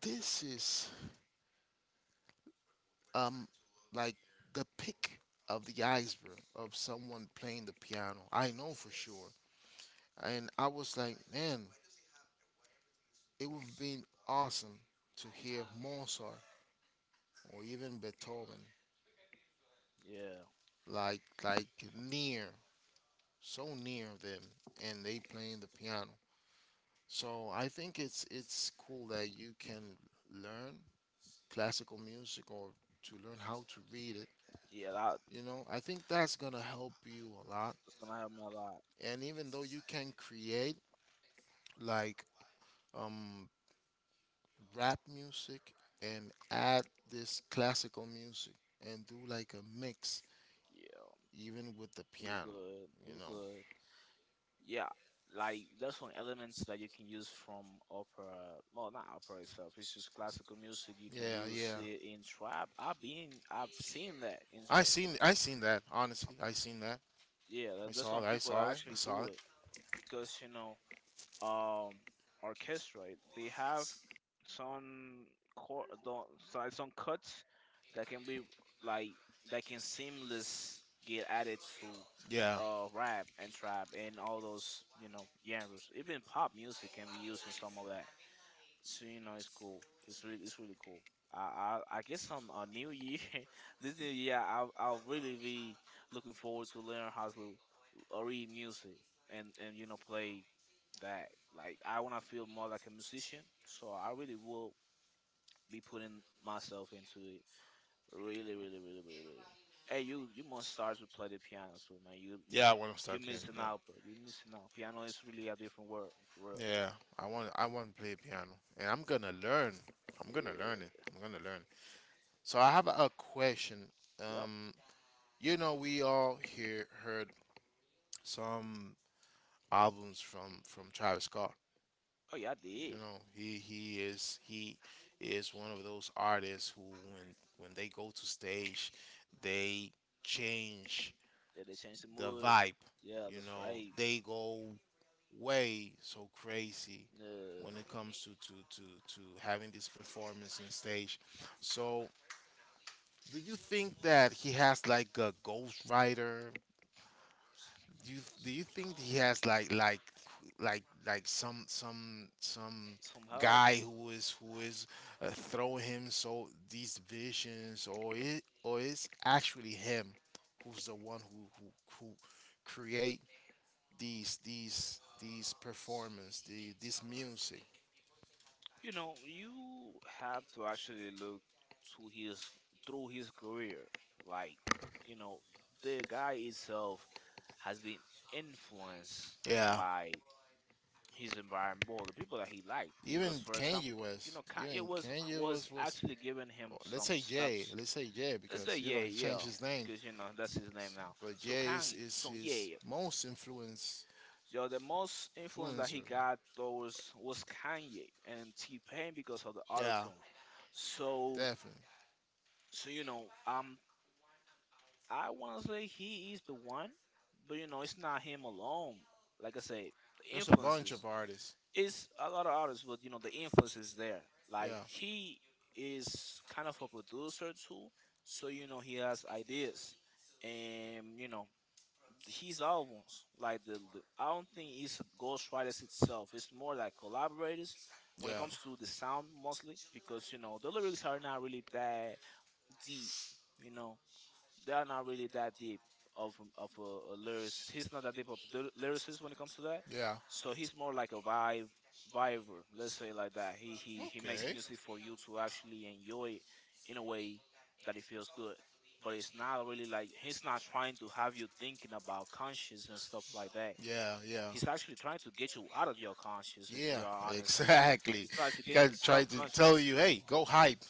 this is um like the pick of the iceberg of someone playing the piano. I know for sure. And I was like, man, it would have been awesome to hear Mozart or even Beethoven Yeah. like near, so near them, and they playing the piano. So I think it's cool that you can learn classical music or to learn how to read it. Yeah. That's I think that's gonna help you a lot. gonna help me a lot. And even though you can create like um rap music and add this classical music and do like a mix Yeah. even with the It'll be piano good. It'll you be know good. Yeah, like there's some elements that you can use from opera. Well, not opera itself. It's just classical music. You can yeah, use yeah, it in trap. I've seen that. I seen i seen that, honestly, I seen that. Yeah, I there's saw some that, I people saw that that, I actually saw do it. it because you know um orchestra, right? They have some chor- the, some cuts that can be like that can seamless get added to Yeah, rap and trap and all those you know genres, even pop music can be used in some of that. So you know, it's cool. It's really cool. I guess on a new year, <laughs> this new year, I'll really be looking forward to learn how to read music, and you know play that. Like I want to feel more like a musician, so I really will be putting myself into it. Really, really, really, really, really. Hey, you must start to play the piano soon, man. Yeah, I want to You're start playing. missing Yeah, out, bro. You're missing out. Piano is really a different world, for real. yeah, I want to play piano, and I'm gonna learn. I'm gonna learn it. I'm gonna learn. So I have a question. Yeah. Yep. um we all here heard some albums from Travis Scott. Oh yeah, I You did. know, he is one of those artists who, when they go to stage, they change Yeah, they changed the the movie. vibe. Yeah, You that's know, right. they go way so crazy Uh, when it comes to having this performance in stage. So, do you think that he has like a ghostwriter? Do you think he has like some Somehow, guy who is throwing him so these visions, or it's actually him who's the one who create these performance, the this music? you know, you have to actually look to his through his career. Like, you know, the guy itself has been influenced Yeah, by his environment, well, the people that he liked. even Because, for example, Kanye you West know, Kanye even was Kanye was West was, actually giving or him let's some say Jay steps. let's say Jay Let's say, because you know yeah, he yeah, changed his name. because you know that's his name now. But So Jazz Kanye, is so his yeah. most Yo, the most influence that he influencer. got though was Kanye and T Pain because of the auto Yeah, tune. So, definitely. so you know, I wanna say he is the one, but you know, it's not him alone. Like I say, the There's a bunch influences. of artists. It's a lot of artists, but you know, the influence is there. Like he is kind of a producer too, so you know, he has ideas, and you know, his albums. Like the I don't think it's ghostwriters itself. It's more like collaborators when Yeah, it yeah, comes to the sound mostly because you know the lyrics are not really that deep, you know they are not really that deep of of a lyricist. He's not that deep of the lyricist when it comes to that. yeah. So he's more like a vibe viber, let's say like that. He, He he he makes, he okay, makes music. music for you to actually enjoy it in a way that it feels good. But it's not really like he's not trying to have you thinking about conscience and stuff like that. Yeah. Yeah. He's actually trying to get you out of your conscience if Yeah. you are honest. Exactly. He's trying to You get into gotta try to subconscious. tell you, hey, go hype,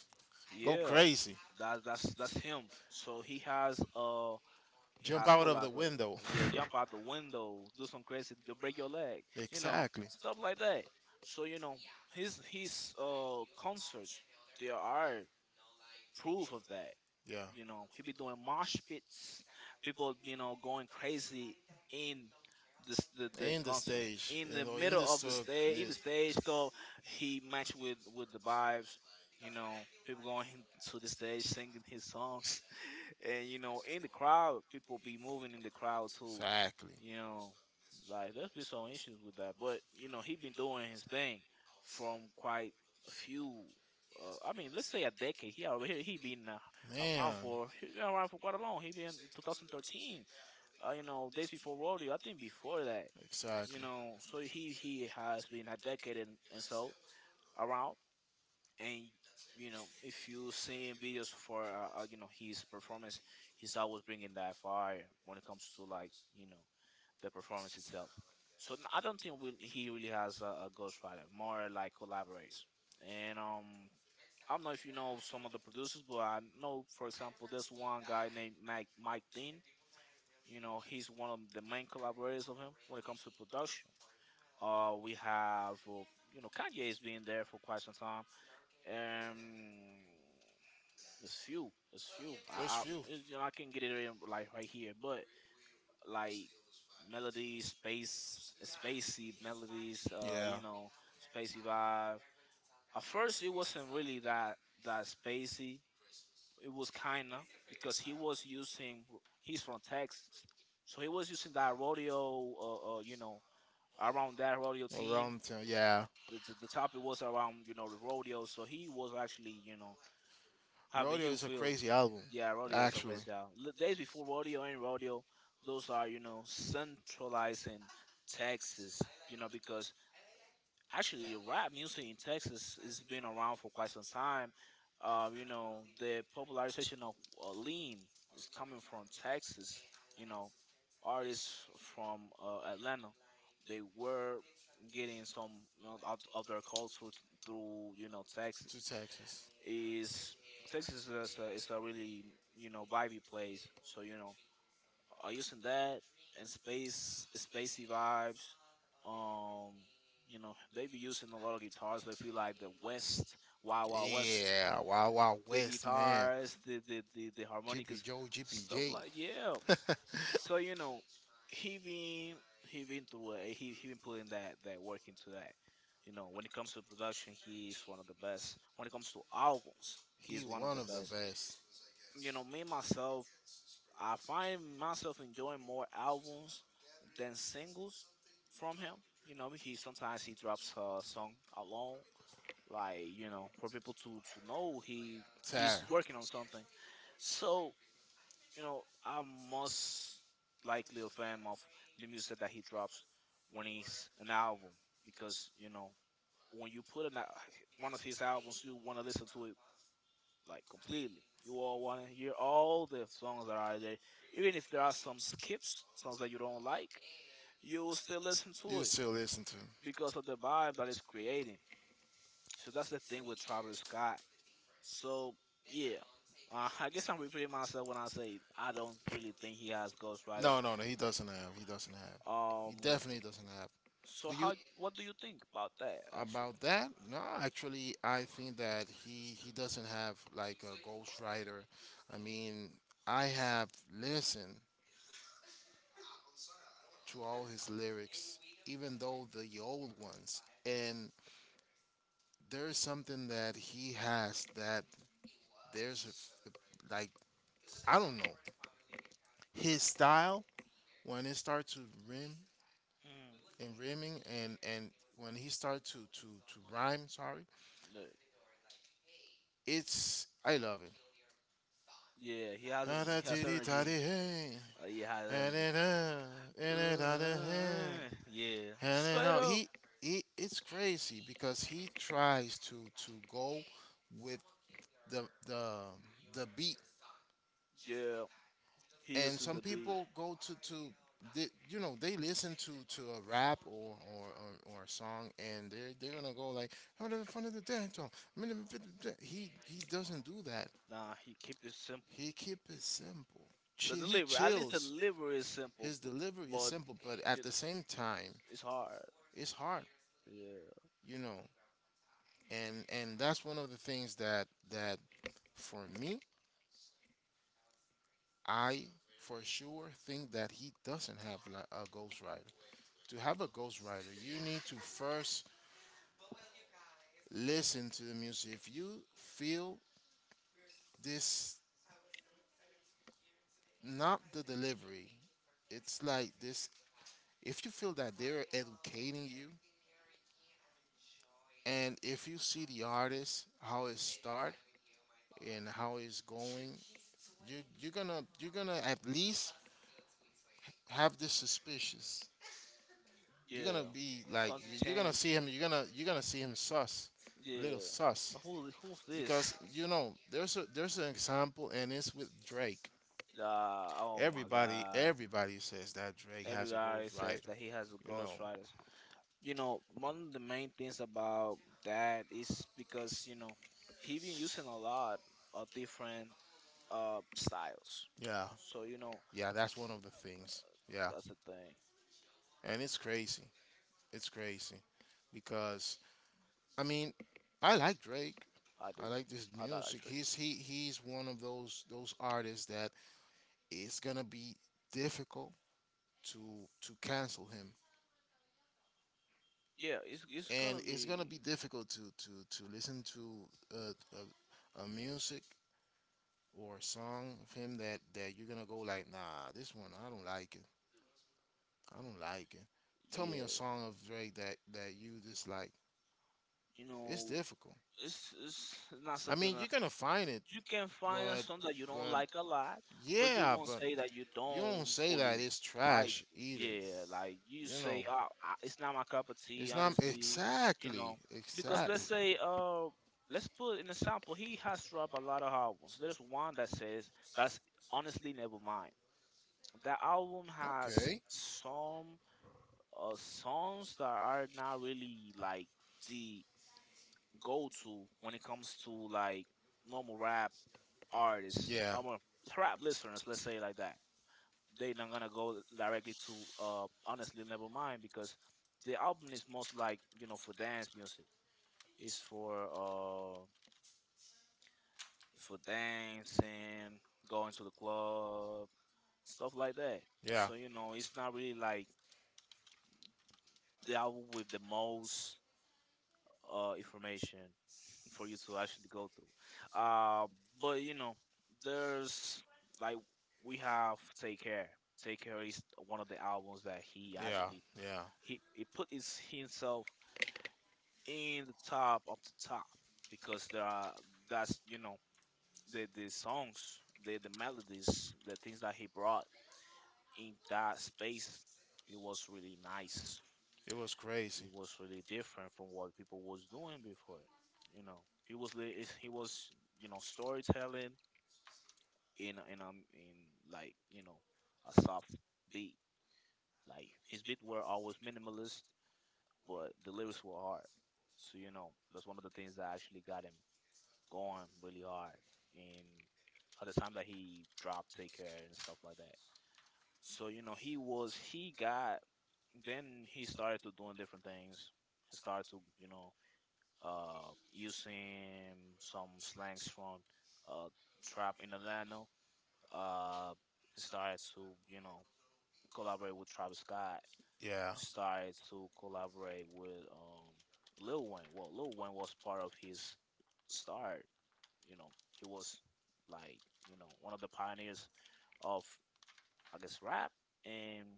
go Yeah, crazy, that's him. So he has uh he jump has out of the collaborate. window. Yeah, <laughs> jump out the window, do some crazy, to break your leg, you know, Exactly. stuff like that. So you know, his concerts, they are proof of that. Yeah, You know, he you. be doing mosh pits, people you know going crazy in the In the concert stage, in in the you. middle of the stage in the stage go, he match with the vibes, you know, people going to the stage singing his songs, and you know, in the crowd, people be moving in the crowd too. Exactly. You know, like there's been some issues with that, but you know, he been doing his thing from quite a few. I mean, let's say a decade. He already Man. He been around for quite a long. He been 2013. You know, days before rodeo. I think before that. You Exactly. know, so he has been a decade and so around, and you know if you seen videos for you know his performance, he's always bringing that fire when it comes to like you know the performance itself, so I don't think he really has a ghostwriter, more like collaborates. And I don't know if you know some of the producers, but I know for example there's one guy named Mike Dean. You know he's one of the main collaborators of him when it comes to production. We have you know Kanye has been there for quite some time. um, it's few. It's few. I Few. it's, you know, I can get it in like right here, but like melodies, space, spacey melodies. Yeah. You know, spacey vibe. At first, it wasn't really that spacey. It was kinda because he was using. He's from Texas, so he was using that rodeo. You know, around that rodeo team. Town. Yeah. The topic was around you know the rodeo, so he was actually you know. How do Rodeo you is a feel? crazy album, Yeah, rodeos are actually. crazy out. The days before rodeo and rodeo, those are, you know, centralizing Texas, you know, because actually rap music in Texas has been around for quite some time. You know, the popularization of lean is coming from Texas, you know, artists from Atlanta. They were getting some you know, out of their culture through, you know, To Texas Texas. is. Texas is is a really you know vibey place. So you know, using that and space spacey vibes. Um, you know, they be using a lot of guitars. I feel like the West, Wild Wild West, Yeah, Wild Wild the West, man. guitars, the GP harmonicas, Joe, Jippy stuff J. like yeah. <laughs> So you know, he been he been through it. He been putting that work into that. You know, when it comes to production, he is one of the best. When it comes to albums, he He is one of one the of the best. best. You know, me myself, I find myself enjoying more albums than singles from him. You know, he sometimes he drops a song alone, like you know, for people to know he's Tara. working on something. So you know, I'm most likely a fan of the music that he drops when he's an album, because you know when you put one of his albums, you want to listen to it like completely. You all want to hear all the songs that are there, even if there are some skips, songs that you don't like. You will still listen You to it still listen to him? because of the vibe that it's creating. So that's the thing with Travis Scott. So yeah, I guess I'm repeating myself when I say I don't really think he has ghostwriters. No, no, no. He doesn't have. He doesn't have. Um, He definitely doesn't have. so Do you how? What do you think about that actually? about that? No, actually, I think that he doesn't have like a ghostwriter. I mean, I have listened to all his lyrics, even though the old ones, and there is something that he has, that there's a, f like, I don't know, his style, when it starts to rim Mm, and rimming and when he starts to rhyme. Sorry, no. It's I love it. Yeah, he has Ah, da, he dee, has dee, da, energy. dee, hey. He has And energy. it, uh, and it, da, da, hey. Yeah, And it, straight up. He it's crazy because he tries to go with the the the beat, Yeah, he and uses some the beat. people go to they, you know, they listen to a rap, or a song, and they're gonna go like, "Oh, the front of the dance hall." I mean, he doesn't do that. Nah, he keep it simple. He keep it simple. The Chill, he delivery, at least the chills. delivery is simple, His delivery is but simple, but at it, the same time, it's hard. it's hard, Yeah, you know. And that's one of the things that for me, I for sure think that he doesn't have a ghostwriter. To have a ghostwriter, you need to first listen to the music. If you feel this, not the delivery, it's like this. If you feel that they're educating you, and if you see the artist, how it start and how it's going, you're gonna at least have this suspicious. You're gonna yeah. be like, Something you're gonna change. see him. You're gonna see him sus, little Yeah. sus, But who's because this? you know there's a there's an example, and it's with Drake. Oh my Everybody God. everybody says that Drake Every has a guy says ghostwriter. that he has a You know, ghostwriter. You know, one of the main things about that is because, you know, he been using a lot of different styles. yeah, So, you know, yeah. That's one of the things. Yeah, that's the thing. and it's crazy. It's crazy because, I mean, I like Drake. I I do like this I that I music. treat. He's one of those artists that it's gonna be difficult to to cancel him, Yeah, it's and gonna it's gonna be be difficult to listen to uh, a music or a song of him that you're gonna go like, nah, this one I don't like it. I don't like it. Tell me yeah. a song of Drake that you dislike. You It's know, difficult. it's I it's not something something mean, that you're gonna find it, you can find a but song that you don't but like a lot, but you yeah, don't won't but say that you you don't. you don't don't say fully that it's like. It. trash either. Yeah, like you Yes, you know, say, oh, it's not my cup of tea, it's not. You know, honestly. You exactly. know, Because because let's, let's exactly, say, let's put an example. He has dropped a lot of albums. There's one that says that's honestly never mind. That album has okay. some songs that are not really like the go-to when it comes to like normal rap artists, Yeah, our rap listeners, let's say it like that, they not gonna go directly to honestly never mind because the album is most like you know for dance music. It's for dancing, going to the club, stuff like that. yeah, so So you you know know it's not really like the album with the most information for you to actually go through. But you know, there's like we have Take Care. Take Care is one of the albums that he know yeah, actually yeah. he put his himself in the top of the top because there are that's you know the songs the melodies the things that he brought in that space, it was really nice. It was crazy. It Who? was really different from what people was doing before. You know, he was you know storytelling in like you know a soft beat. Like his beat were always minimalist, but the lyrics were hard. So you know that's one of the things that actually got him going really hard. And by the time that he dropped Take Care and stuff like that, so you know he was he got then he started to doing different things. He started to, you know, using some slangs from uh, trap in Atlanta. Uh, he started to, you know, collaborate with Travis Scott. Yeah, Started <laughs> to collaborate with Lil Wayne. Well, Lil Wayne was part of his start. You know, he was like, you know, one of the pioneers of, I guess, rap. And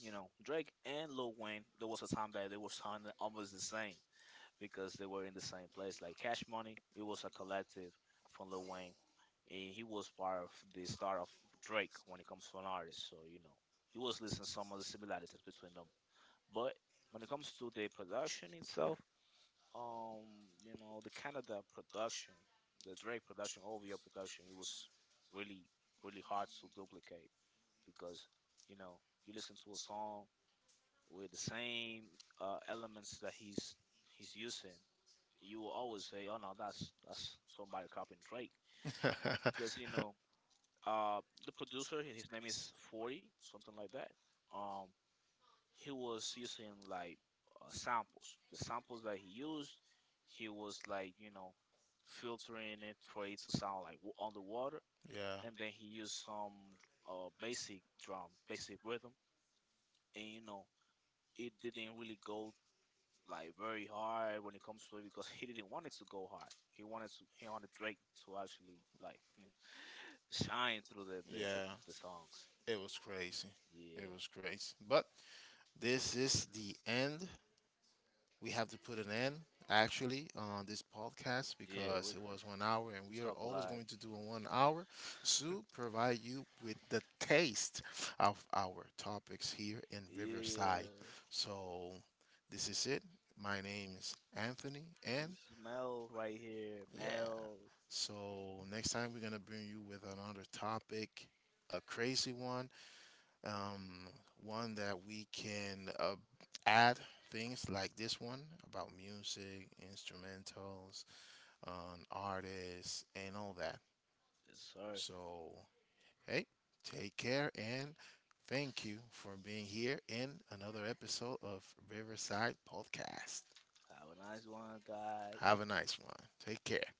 you know, Drake and Lil Wayne, there was a time that they were sounding almost the same because they were in the same place. Like Cash Money, it was a collective from Lil Wayne. And he was part of the start of Drake when it comes to an artist. So, you know, he was listening some of the similarities between them. But when it comes to the production itself, um, you know, the Canada production, the Drake production, OVO production, it was really, really hard to duplicate because, you know, you listen to a song with the same elements that he's using, you will always say, "Oh no, that's somebody copying Drake," to collaborate with because you know the producer, his name is Forty, something like that. Um, he was using like samples. The samples that he used, he was like you know filtering it for it to sound like underwater, <laughs> yeah, and then he used some basic drum, basic rhythm, and you know it didn't really go like very hard when it comes to it because <laughs> he didn't want it to go hard. He wanted Drake to actually like <laughs> shine through yeah. the songs. It was crazy. Yeah, It was crazy. But this is the end. We have to put an end, actually, on this podcast, yeah, we because it was one hour, and we we are talk a always lot. going to do a one hour to provide you with the taste of our topics here in Yeah, Riverside. So this is it. My name is Anthony, and smell right here, yeah. Mel. So next time we're going to bring you with another topic, a crazy one. um, One that we can add things like this one about music, instrumentals, artists, and all that. Yes, sir. So, hey, take care, and thank you for being here in another episode of Riverside Podcast. Have a nice one, guys. Have a nice one. Take care.